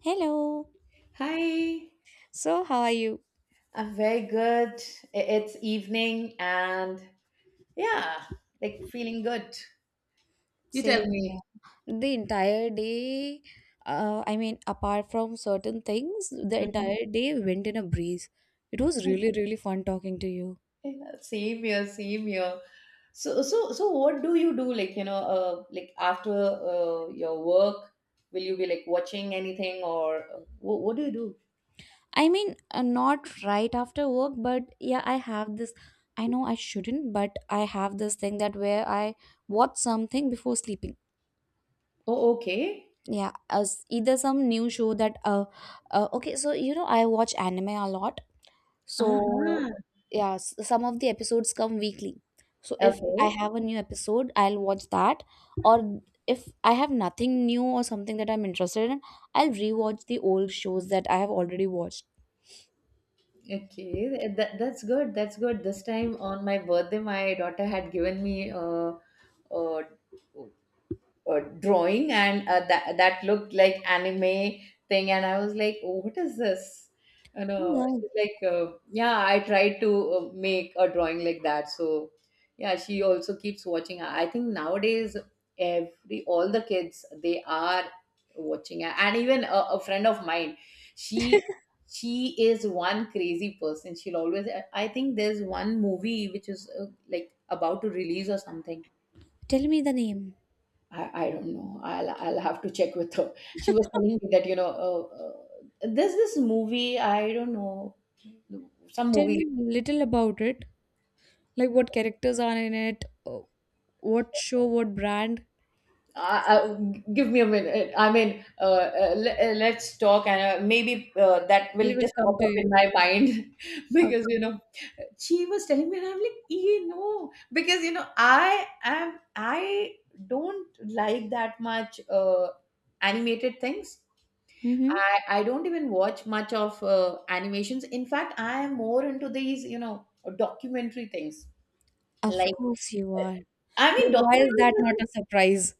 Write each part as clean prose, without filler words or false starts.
Hello. Hi, So, how are you? I'm very good. It's evening and yeah, like feeling good. You tell Same me. here. The entire day, I mean, apart from certain things, the Mhm. entire day went in a breeze. It was really, really fun talking to you. Yeah, same here, same here. So, what do you do? Like, like after your work, will you be like watching anything or what do you do? I mean, not right after work, but yeah, I have this. I know I shouldn't, but I have this thing that where I watch something before sleeping. Oh, okay. Yeah, as either some new show that okay, so you know I watch anime a lot. So, Uh-huh. yeah, some of the episodes come weekly. So, if I Okay. have a new episode, I'll watch that. Or if I have nothing new or something that I'm interested in, I'll rewatch the old shows that I have already watched. Okay. That's good. That's good. This time on my birthday, my daughter had given me uh, drawing and that looked like anime thing and I was like oh, what is this you Oh, know wow. she's like yeah I tried to make a drawing like that. So yeah, she also keeps watching. I think nowadays every all the kids they are watching. And even a friend of mine, she she is one crazy person. She'll always, I think there's one movie which is like about to release or something. Tell me the name. I don't know. I'll have to check with her. She was telling me that there's this movie. I don't know, some Tell me movie. little about it. Like what characters are in it, what show, what brand. Give me a minute. I mean, let's talk, and maybe that will It will just pop come to up in you. my mind because she was telling me, and I'm like, you know, because I don't like that much animated things. Okay. I don't even watch much of animations. In fact, I am more into these, you know, documentary things. Of Like, course you uh, are. Like, I mean, why documentary. is that not a surprise?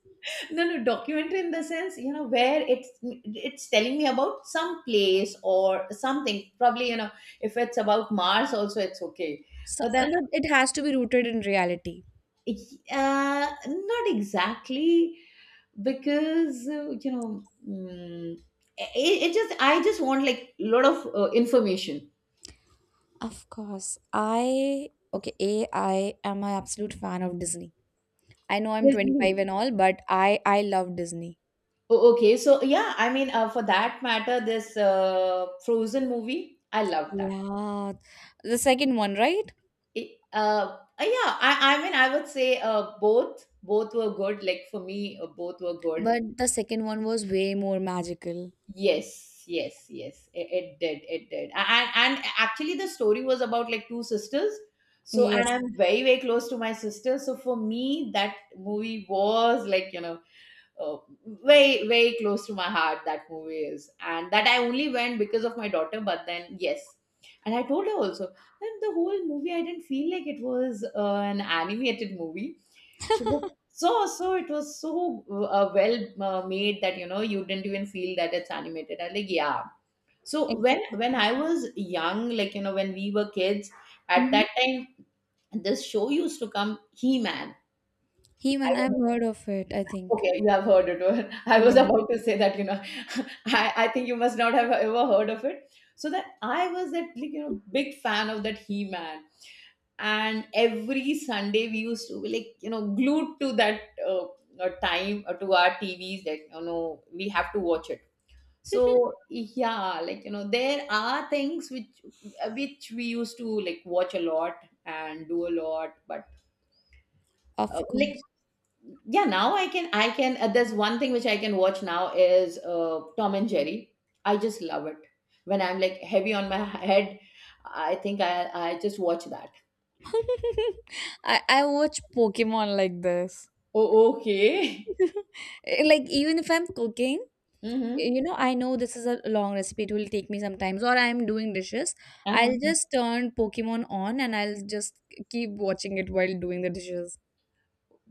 No, no, documentary in the sense, you know, where it's telling me about some place or something. Probably, you know, if it's about Mars, also it's okay. So, But then, but it has to be rooted in reality. Not exactly because you know, it just I just want like a lot of information. Of course. Okay, A, I am an absolute fan of Disney. I know I'm Yes. 25 and all, but I love Disney. Oh, okay. So yeah, for that matter, this Frozen movie, I loved that. Yeah. The second one, right? It, uh, yeah, I mean, I would say both were good. Like for me, both were good. But the second one was way more magical. Yes, yes, yes. It did. And, actually, the story was about like two sisters. So, and Yes, I'm very, very close to my sister. So for me, that movie was like, uh, very very close to my heart, that movie is. And that I only went because of my daughter, but then yes. And I told her also that the whole movie I didn't feel like it was an animated movie. She was, so it was so well made that you know you didn't even feel that it's animated. I like, yeah. So when exactly. I was young, like you know, when we were kids, at Mm-hmm. that time, this show used to come, He-Man. He, when I've heard of it, I think. Okay, you have heard it. I was Yeah. about to say that, you know, I think you must not have ever heard of it. So that I was that like, you know, big fan of that He-Man. And every Sunday we used to be like, you know, glued to that uh, time to our TVs that, you know, we have to watch it. So yeah, like, you know, there are things which we used to like watch a lot and do a lot, but uh, Of like course. yeah, now i can there's one thing which I can watch now is Tom and Jerry. I just love it. When I'm like heavy on my head, I think i just watch that. I watch Pokemon like this. Oh, okay. Like even if I'm cooking, Mm-hmm. you know, I know this is a long recipe, it will take me sometimes, or I'm doing dishes. I'll Uh-huh. just turn Pokemon on and I'll just keep watching it while doing the dishes.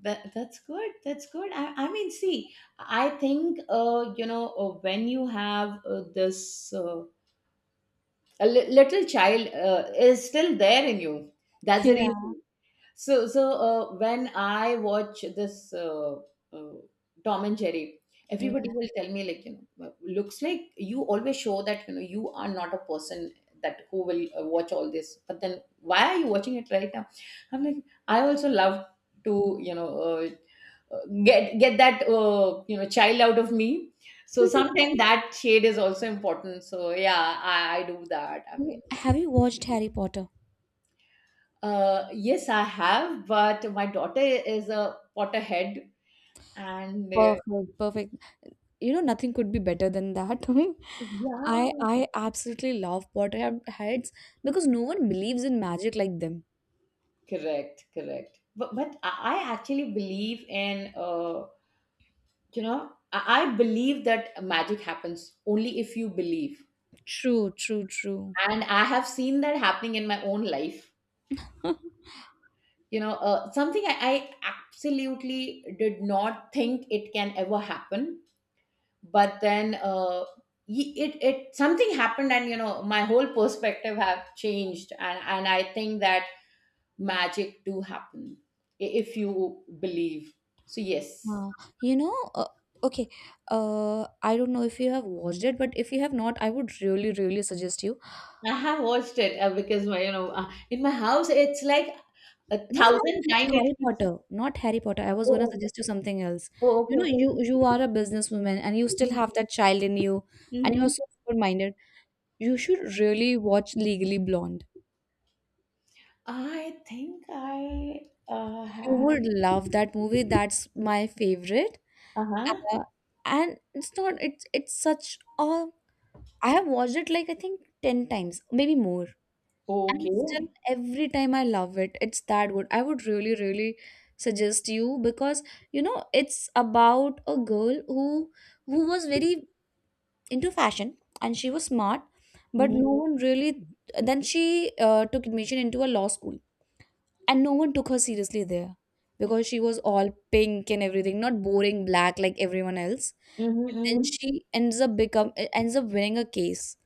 That, that's good, that's good. I mean, see, I think when you have this little child is still there in you. That's the reason. Yeah. So, when I watch this uh, Tom and Jerry, Yeah. everybody will tell me like, you know, "Well, looks like you always show that you know you are not a person that who will watch all this. But then why are you watching it right now?" I'm like, I also love to, get that child out of me. So sometimes that shade is also important. So yeah, I do that. I mean. Have you watched Harry Potter? Yes, I have, but my daughter is a Potterhead, and Perfect, perfect. You know, nothing could be better than that. yeah, I absolutely love Potterheads because no one believes in magic like them. correct, correct. But I actually believe in I believe that magic happens only if you believe, True, true, true. and I have seen that happening in my own life. You know, something I absolutely did not think it can ever happen, but then it something happened, and you know, my whole perspective have changed. And I think that magic do happen if you believe. So yes, Wow. You know, okay, I don't know if you have watched it, but if you have not, I would really, really suggest you. I have watched it because my, you know, in my house it's like a No, thousand not times it Harry keeps. Potter, not Harry Potter. I was Oh, gonna suggest you something else. oh You okay, know, okay. you are a businesswoman and you still have that child in you, and you are Mm-hmm. so open-minded. You should really watch Legally Blonde. I think I You had would love that movie. That's my favorite. Uh-huh. Uh, and it's not. It's such a. I have watched it like I think 10 times, maybe more, and still Okay. every time I love it. It's that good. I would really, really suggest you because you know it's about a girl who was very into fashion and she was smart, but Mm-hmm. no one really. Then she took admission into a law school, and no one took her seriously there because she was all pink and everything, not boring black like everyone else. Mm-hmm. Then Mm-hmm. she ends up winning a case,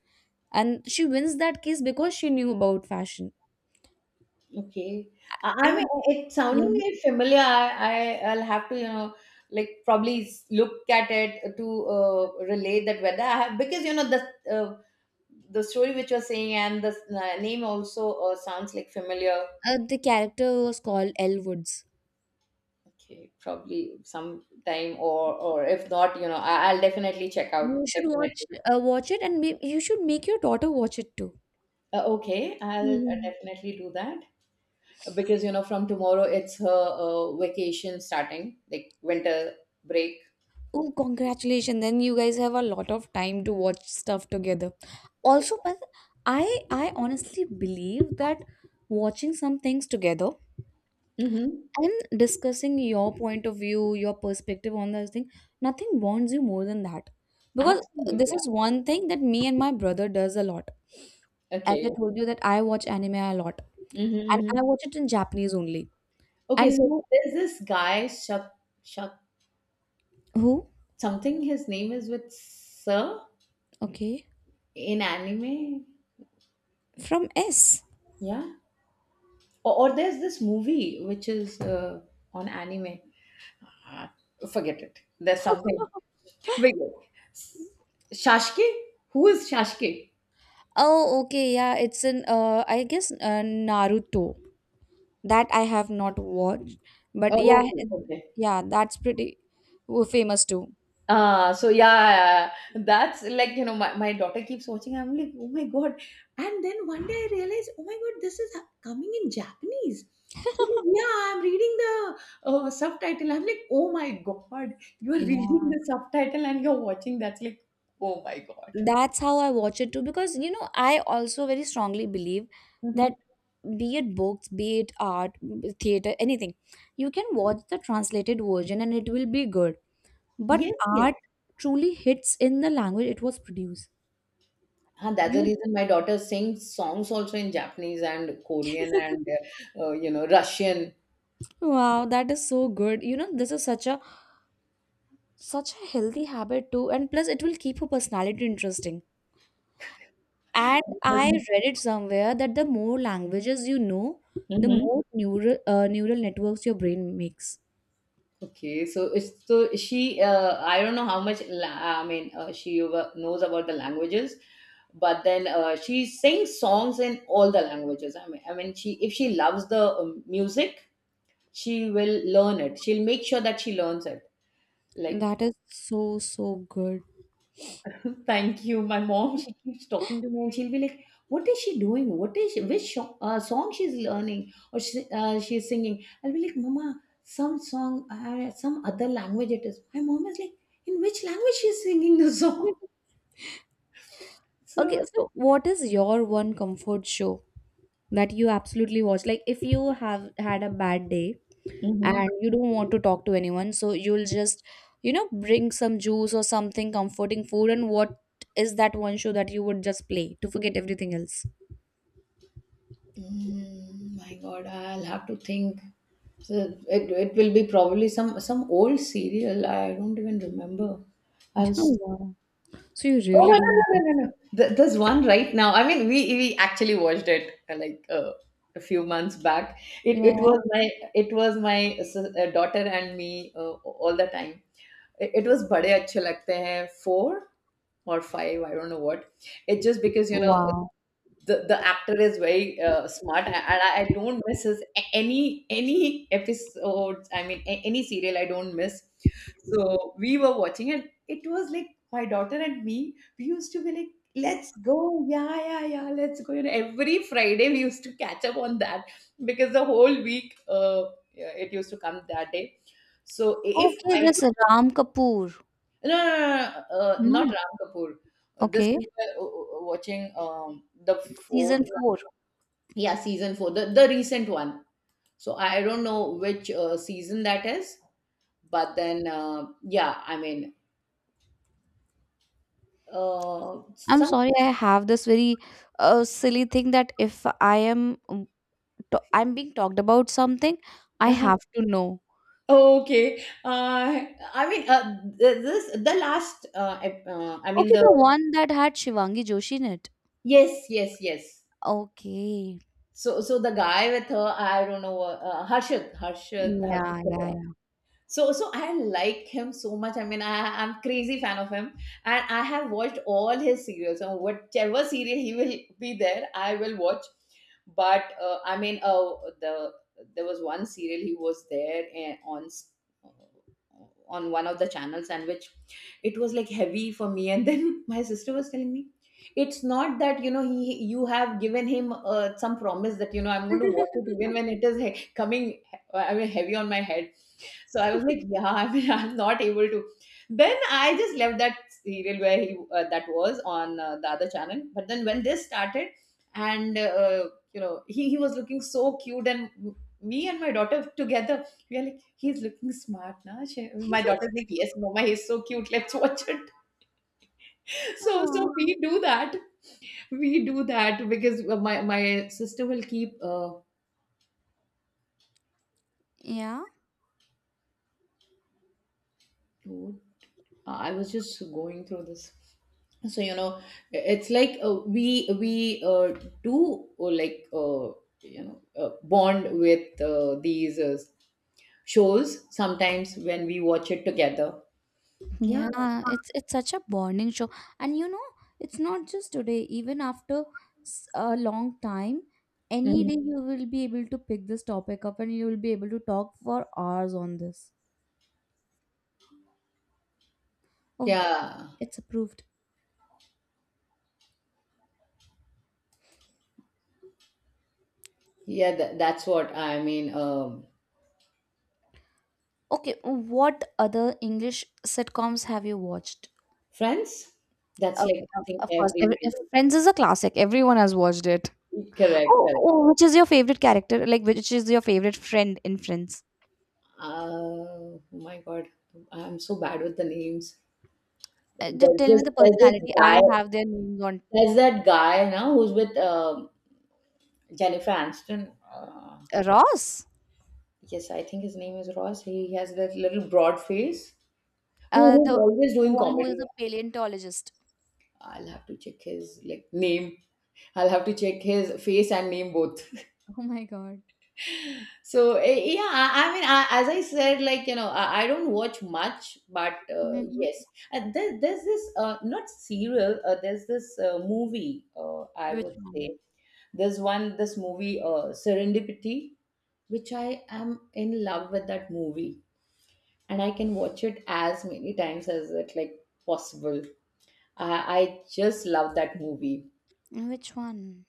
and she wins that case because she knew about fashion. Okay. I And mean, it, it's yeah. sounding very familiar. I'll have to, you know, like probably look at it to relate that whether I have, because, you know, uh, the story which you're saying and name also sounds like familiar. The character was called Elle Woods. Okay, probably sometime. Or if not, you know, I, I'll definitely check out. You should Definitely. watch watch it, and you should make your daughter watch it too. Okay, I'll Yeah. definitely do that because, you know, from tomorrow it's her vacation starting, like winter break. Oh, congratulations! Then you guys have a lot of time to watch stuff together. Also, but I honestly believe that watching some things together Mm-hmm. and discussing your point of view, your perspective on this thing, nothing bonds you more than that. Because Absolutely. this is Yeah. one thing that me and my brother does a lot. As Okay. I told you that I watch anime a lot Hmm, and hmm. I watch it in Japanese only. Okay. And So you there's this guy, Shak, Shak, who? something. His name is with Sir Okay, in anime. from S. Yeah. Or there's this movie which is on anime. Ah, forget it. There's something. Wait, wait. Shashke? Who is Shashke? Oh, okay, yeah, it's in I guess Naruto that I have not watched, but yeah, Oh, okay, okay. yeah, that's pretty famous too. Ah, so yeah, yeah, yeah. That's like, you know, my daughter keeps watching. I'm like, oh my god! And then one day I realized, oh my god, coming in Japanese. She's like, yeah, I'm reading the subtitle. I'm like, oh my god, you're reading Yeah, the subtitle and you're watching. That's like, oh my god. that's how I watch it too because you know I also very strongly believe that Hmm. be it books, be it art, theater, anything, you can watch the translated version and it will be good. But Yes, yes. art truly hits in the language it was produced. And that's the You reason my daughter sings songs also in Japanese and Korean and you know, Russian. Wow, that is so good. You know, this is such a healthy habit too, and plus it will keep your personality interesting. And I read it somewhere that the more languages you know, the Mhm. more neural networks your brain makes. Okay, so it's so she. I don't know how much. I mean, she knows about the languages, but then she sings songs in all the languages. I mean, she, if she loves the music, she will learn it. She'll make sure that she learns it. And Like, that is so so good. thank you. My mom, she keeps talking to me and she'll be like, "What is she doing? What is she, which song she's learning, or she's singing?" I'll be like, "Mama, some song, some other language it is." My mom is like, "In which language she's singing the song?" So, Okay, so what is your one comfort show that you absolutely watch? Like if you have had a bad day mhm. and you don't want to talk to anyone, so you'll just bring some juice or something comforting food, and what is that one show that you would just play to forget everything else? Mm, my God, I'll have to think. So it will be probably some old serial. I don't even remember. I was. Oh, wow. So you Oh, really no, no, no, don't no, watch. no! No. There's one right now. I mean, we actually watched it a few months back. It Yeah. was my, it was my daughter and me all the time. It was Bade Achhe Lagte Hain four or five. I don't know what. It's just because you know, Wow. The actor is very smart, and I don't miss his any episodes. I mean, any serial I don't miss. So we were watching, and it was like, my daughter and me, we used to be like, let's go, yeah, yeah, yeah, let's go. You know, every Friday we used to catch up on that because the whole week yeah, it used to come that day. So if Okay, i, this Ram Kapoor. no, no, no, no, not No. Ram Kapoor. This Okay. we It's were watching the fourth. season four. Yeah, season four, the recent one. So I don't know which season that is, but then yeah, I mean, I'm some sorry, I have this very silly thing that if I am I'm being talked about something, I uh have to know. okay. I mean, this the last. I mean Okay, the, the one that had Shivangi Joshi in it. yes, yes, yes. Okay. So so the guy with her, I don't know. Harshad, Harshad, Yeah, yeah, Harshad. yeah. So, so I like him so much. I mean, I, I'm crazy fan of him, and I have watched all his serials. And whichever serial he will be there, I will watch. But I mean, the there was one serial he was there, and on on one of the channels, and which it was like heavy for me. And then my sister was telling me, it's not that he you have given him some promise that I'm going to watch it even when it is coming. I mean, heavy on my head, so I was like, yeah, I mean, I'm not able to. Then I just left that serial where he that was on the other channel. But then when this started, and he was looking so cute, and me and my daughter together, we are like, he's looking smart, na? My daughter's like, yes, mama, he's so cute. Let's watch it. So Aw. we do that. We do that because my sister will keep. Yeah, Dude, I was just going through this. So you know, it's like we do like bond with these shows sometimes when we watch it together. yeah, it's such a bonding show, and it's not just today. Even after a long time, any Mhm. day you will be able to pick this topic up, and you will be able to talk for hours on this. Oh, Yeah, it's approved. yeah, that's what I mean. Okay, what other English sitcoms have you watched? Friends, that's like Okay, of, something of course. Every, everybody. if Friends is a classic. Everyone has watched it. Correct, Oh, correct. oh, which is your favorite character? Like, which is your favorite friend in Friends? Oh my God, I'm so bad with the names. Just tell me the There's this personality. I guy. have their names on There's that guy now who's with Jennifer Aniston. Ross, Yes, I think his name is Ross. He has that little broad face. Who uh, who's the always the doing one who is comedy. a paleontologist. I'll have to check his like name. I'll have to check his face and name both. Oh my god. So yeah, I mean, I, as I said, I don't watch much, but Hmm. yes, and there's this not serial. There's this movie. I would Which one? say there's one this movie, Serendipity, which I am in love with. That movie, and I can watch it as many times as it like possible. I just love that movie. Which one?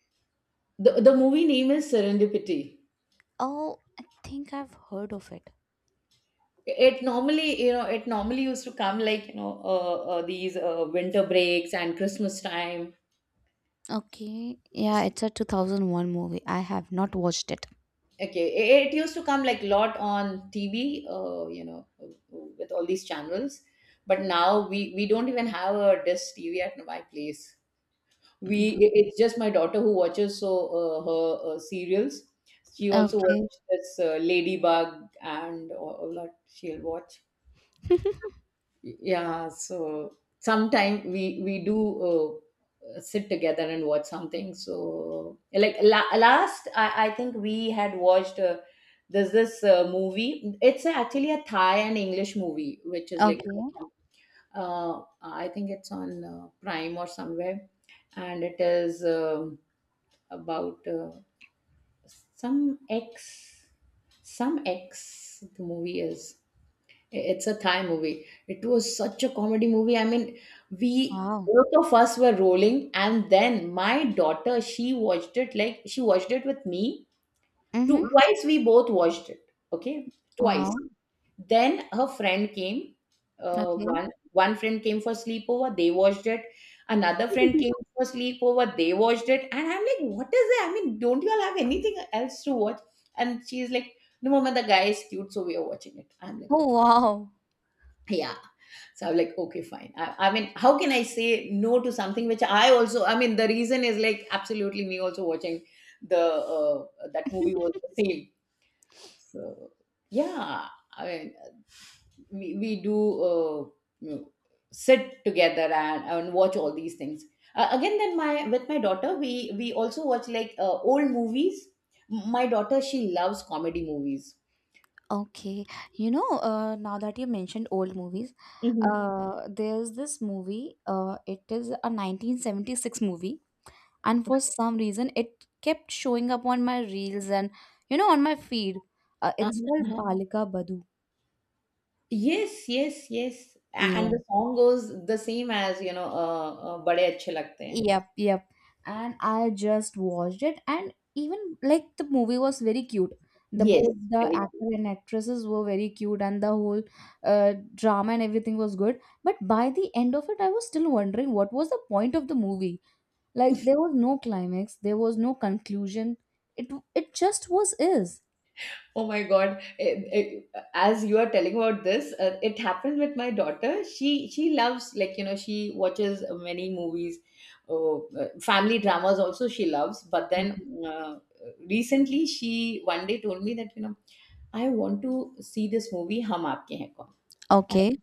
The movie name is Serendipity. Oh, I think I've heard of it. It normally, it normally used to come like, these winter breaks and Christmas time. Okay, yeah, it's a 2001 movie. I have not watched it. Okay, it used to come like lot on TV, with all these channels. But now we don't even have a dish TV at my place. We Mm. It's just my daughter who watches, so her serials. She also Okay. watches this ladybug and all that she'll watch. Yeah, so sometime we do uh, sit together and watch something. So like last, I think we had watched there's this movie, it's actually a thai and english movie, which is like Okay. I think it's on prime or somewhere, and it is about some X, some X. The movie is, it's a Thai movie. It was such a comedy movie. I mean, we Wow. both of us were rolling, and then my daughter, she watched it with me. Mm-hmm. Twice we both watched it. Okay, twice. Wow. Then her friend came. Okay. One friend came for sleepover. They watched it. Another friend came for sleepover. They watched it. And I'm like, what is it? I mean, don't you all have anything else to watch? And she's like, no, mama, the guy is cute, so we are watching it. I'm like, Oh okay, wow. yeah. So I'm like, okay, fine. I mean, how can I say no to something which I also? I mean, the reason is like absolutely me also watching the that movie was the same. So yeah, I mean, we do you know, sit together and watch all these things. Again, then my with my daughter, we also watch like old movies. My daughter, she loves comedy movies. Okay. You know, now that you mentioned old movies, hmm there's this movie. It is a 1976 movie, and for some reason, it kept showing up on my reels and on my feed. Uh, Uh-huh, it's called uh-huh. Balika Badhu. Yes, yes, yes. And Yeah. the song goes the same as "Bade Achhe Lagte Hain." Yep, yep. And I just watched it, and even like the movie was very cute. The Yes, both the very. actor and actresses were very cute, and the whole drama and everything was good. But by the end of it, I was still wondering what was the point of the movie. Like there was no climax, there was no conclusion. It it just was is. Oh my God. As you are telling about this, it happened with my daughter. She loves, like she watches many movies, oh, family dramas also she loves. But then uh, recently she one day told me that I want to see this movie Hum Aapke Hain Kaun. Okay.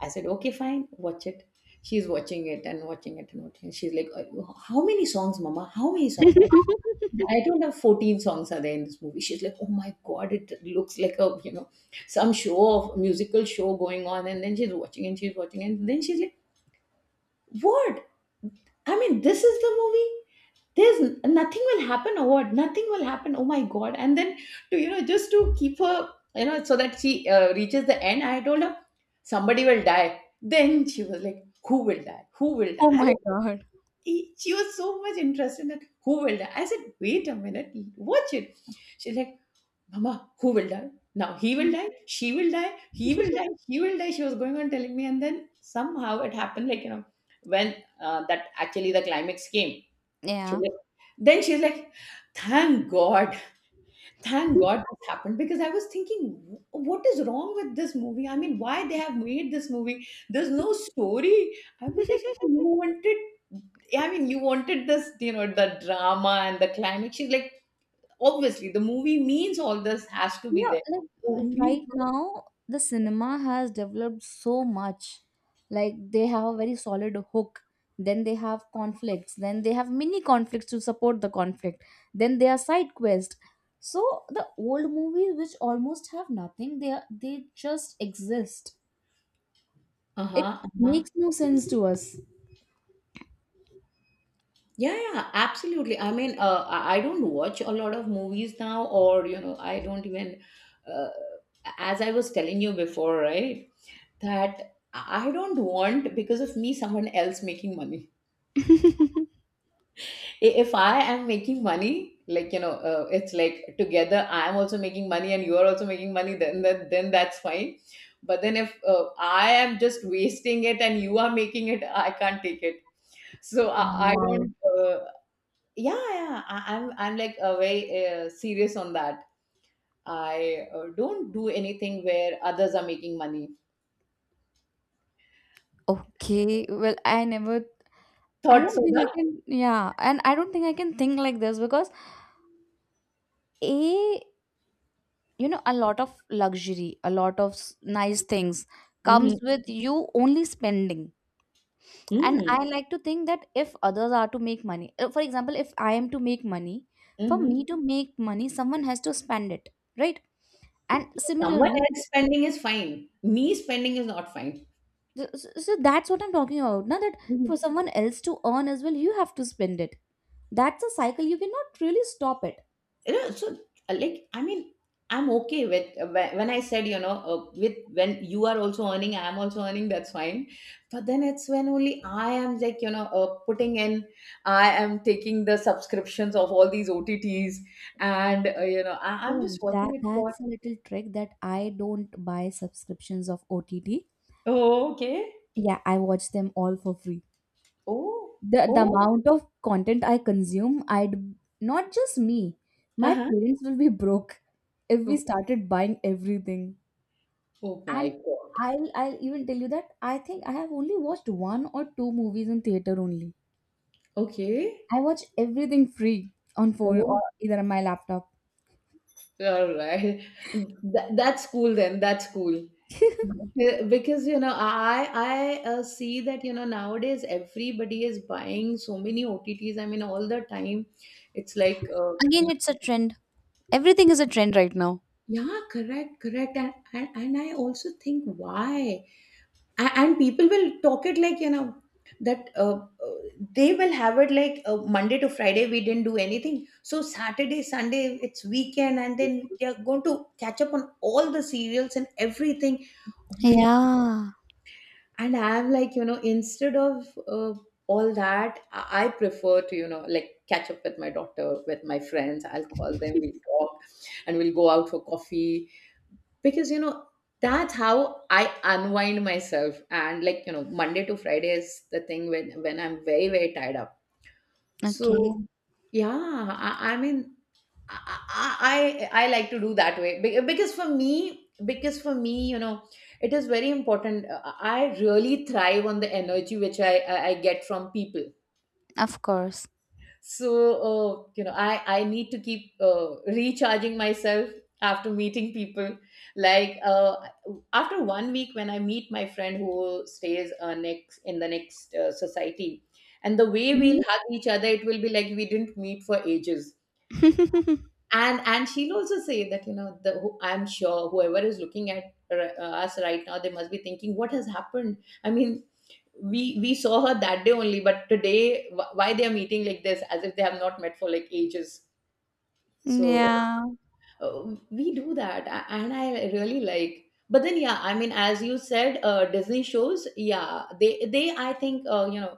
I said, okay, fine, watch it. She's watching it and watching it and watching it. She's like, how many songs, Mama? How many songs? I don't have 14 songs are there in this movie." She's like, oh my God, it looks like a, some show of musical show going on. And then she's watching. And then she's like, what? I mean, this is the movie, there's nothing will happen, or nothing will happen, oh my god. And then to just to keep her, so that she reaches the end, I told her somebody will die. Then she was like, who will die, who will die? Oh And my God. She was so much interested in that, who will die? I said, wait a minute, watch it. She's like, mama, who will die? Now he will die, she will die, he will die, she will die. She was going on telling me. And then somehow it happened, like when that actually the climax came. She's Yeah. like, then she's like, thank God, thank God this happened, because I was thinking, What is wrong with this movie? I mean, why they have made this movie? There's no story." I was like, you wanted, I mean, you wanted this, the drama and the climax. She's like, obviously, the movie means all this has to be Yeah, there. like, Only, right now, the cinema has developed so much. Like they have a very solid hook. Then they have conflicts. Then they have mini conflicts to support the conflict. Then they are side quest. So the old movies, which almost have nothing, they just exist. uh It huh, uh huh. makes no sense to us. Yeah, yeah, absolutely. I mean, I don't watch a lot of movies now, or I don't even, uh, as I was telling you before, right? That I don't want because of me someone else making money. If I am making money, like it's like together I am also making money and you are also making money. Then then that's fine. But then if I am just wasting it and you are making it, I can't take it. So I Wow. don't yeah yeah I'm like very serious on that. I don't do anything where others are making money. Okay, well, I never, I Thought don't think soda. I can, yeah, and I don't think I can think like this because A. You know, a lot of luxury, a lot of nice things Mm-hmm. comes with you only spending. And Mm-hmm. I like to think that if others are to make money, for example, if I am to make money, for Mm-hmm. me to make money someone has to spend it, right? And Someone similarly, else th- spending is fine, me spending is not fine. so so that's what I'm talking about now, that for Mm-hmm. someone else to earn as well, you have to spend it. That's a cycle, you cannot really stop it. you know, so like I mean I'm okay with, when I said with when you are also earning I'm also earning, that's fine. But then it's when only I am like putting in, I am taking the subscriptions of all these otts, and I'm just Oh, watching that it for. that's a little trick that I don't buy subscriptions of OTT. Oh, okay. Yeah, I watch them all for free. Oh. The Oh. amount of content I consume, I'd not just me. My Uh-huh. parents will be broke if we Oh, started buying everything. oh my And god. I'll even tell you that I think I have only watched one or two movies in theater only. Okay. I watch everything free on phone or Oh. either on my laptop. All right. That's cool then. That's cool. Because, I see that, nowadays everybody is buying so many OTTs. I mean, all the time. It's like, Again, it's a trend. Everything is a trend right now. yeah, correct, correct. And I also think why? And people will talk it like that uh, they will have it like monday to friday we didn't do anything, so saturday sunday it's weekend and then they're going to catch up on all the serials and everything. Oh my. Yeah. And I'm like, instead of all that, I prefer to, like, catch up with my daughter, with my friends. I'll call them, we'll talk, and we'll go out for coffee, because that's how I unwind myself. And like, monday to friday is the thing when I'm very very tied up. So Okay. yeah I mean, I, I I like to do that way. Because for me, it is very important. I really thrive on the energy which I get from people. Of course. So i need to keep recharging myself after meeting people, like after 1 week when I meet my friend who stays next in the next society, and the way we'll Mhm. hug each other, it will be like we didn't meet for ages. And she'll also say that the I'm sure whoever is looking at us right now, they must be thinking what has happened. I mean, we saw her that day only, but today why they are meeting like this, as if they have not met for like ages. So Yeah. uh, we do that. And I really like, but then yeah I mean as you said disney shows, yeah they I think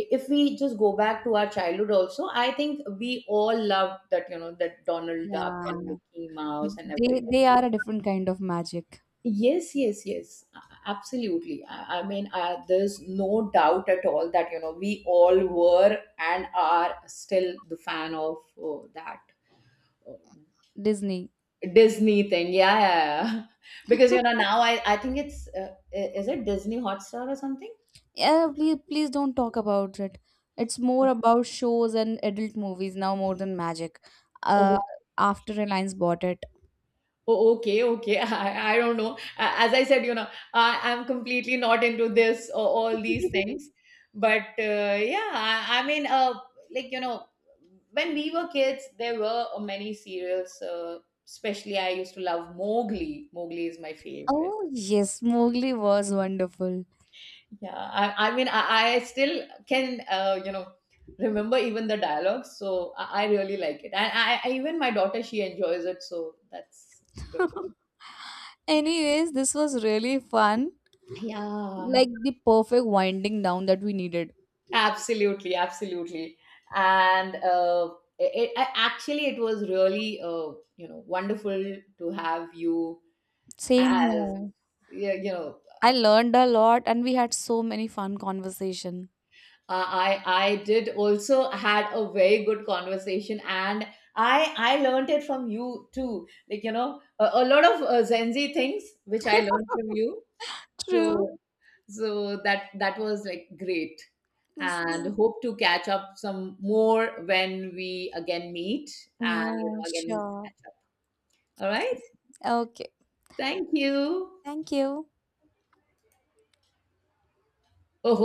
if we just go back to our childhood also, I think we all loved that, that donald duck and Yeah. mickey mouse and They everything. they are a different kind of magic. Yes, yes, yes, absolutely. I mean, there's no doubt at all that we all were and are still the fan of that uh, Disney. Disney thing. Yeah, yeah, yeah. Because now I think it's is it Disney Hotstar or something? Yeah, please please don't talk about it. It's more about shows and adult movies now more than magic. Uh, Okay. after Reliance bought it. Oh, okay, okay. I don't know. As I said, I'm completely not into this or all these things. But yeah, I mean, like, when we were kids, there were many serials. Especially, I used to love Mowgli. Mowgli is my favorite. Oh yes, Mowgli was wonderful. Yeah, I mean, I still can, remember even the dialogues. So I really like it. And even my daughter, she enjoys it. So that's good. Anyways, this was really fun. Yeah. Like the perfect winding down that we needed. Absolutely, absolutely. And actually, it was really wonderful to have you Same as, here. yeah, I learned a lot and we had so many fun conversation. I did also had a very good conversation, and I learned it from you too. Like a lot of Zenzi things which I learned from you. True. So so that that was like great. Yes. And hope to catch up some more when we again meet and Yeah, again sure. catch up. All right. Okay. Thank you. Thank you. Oh,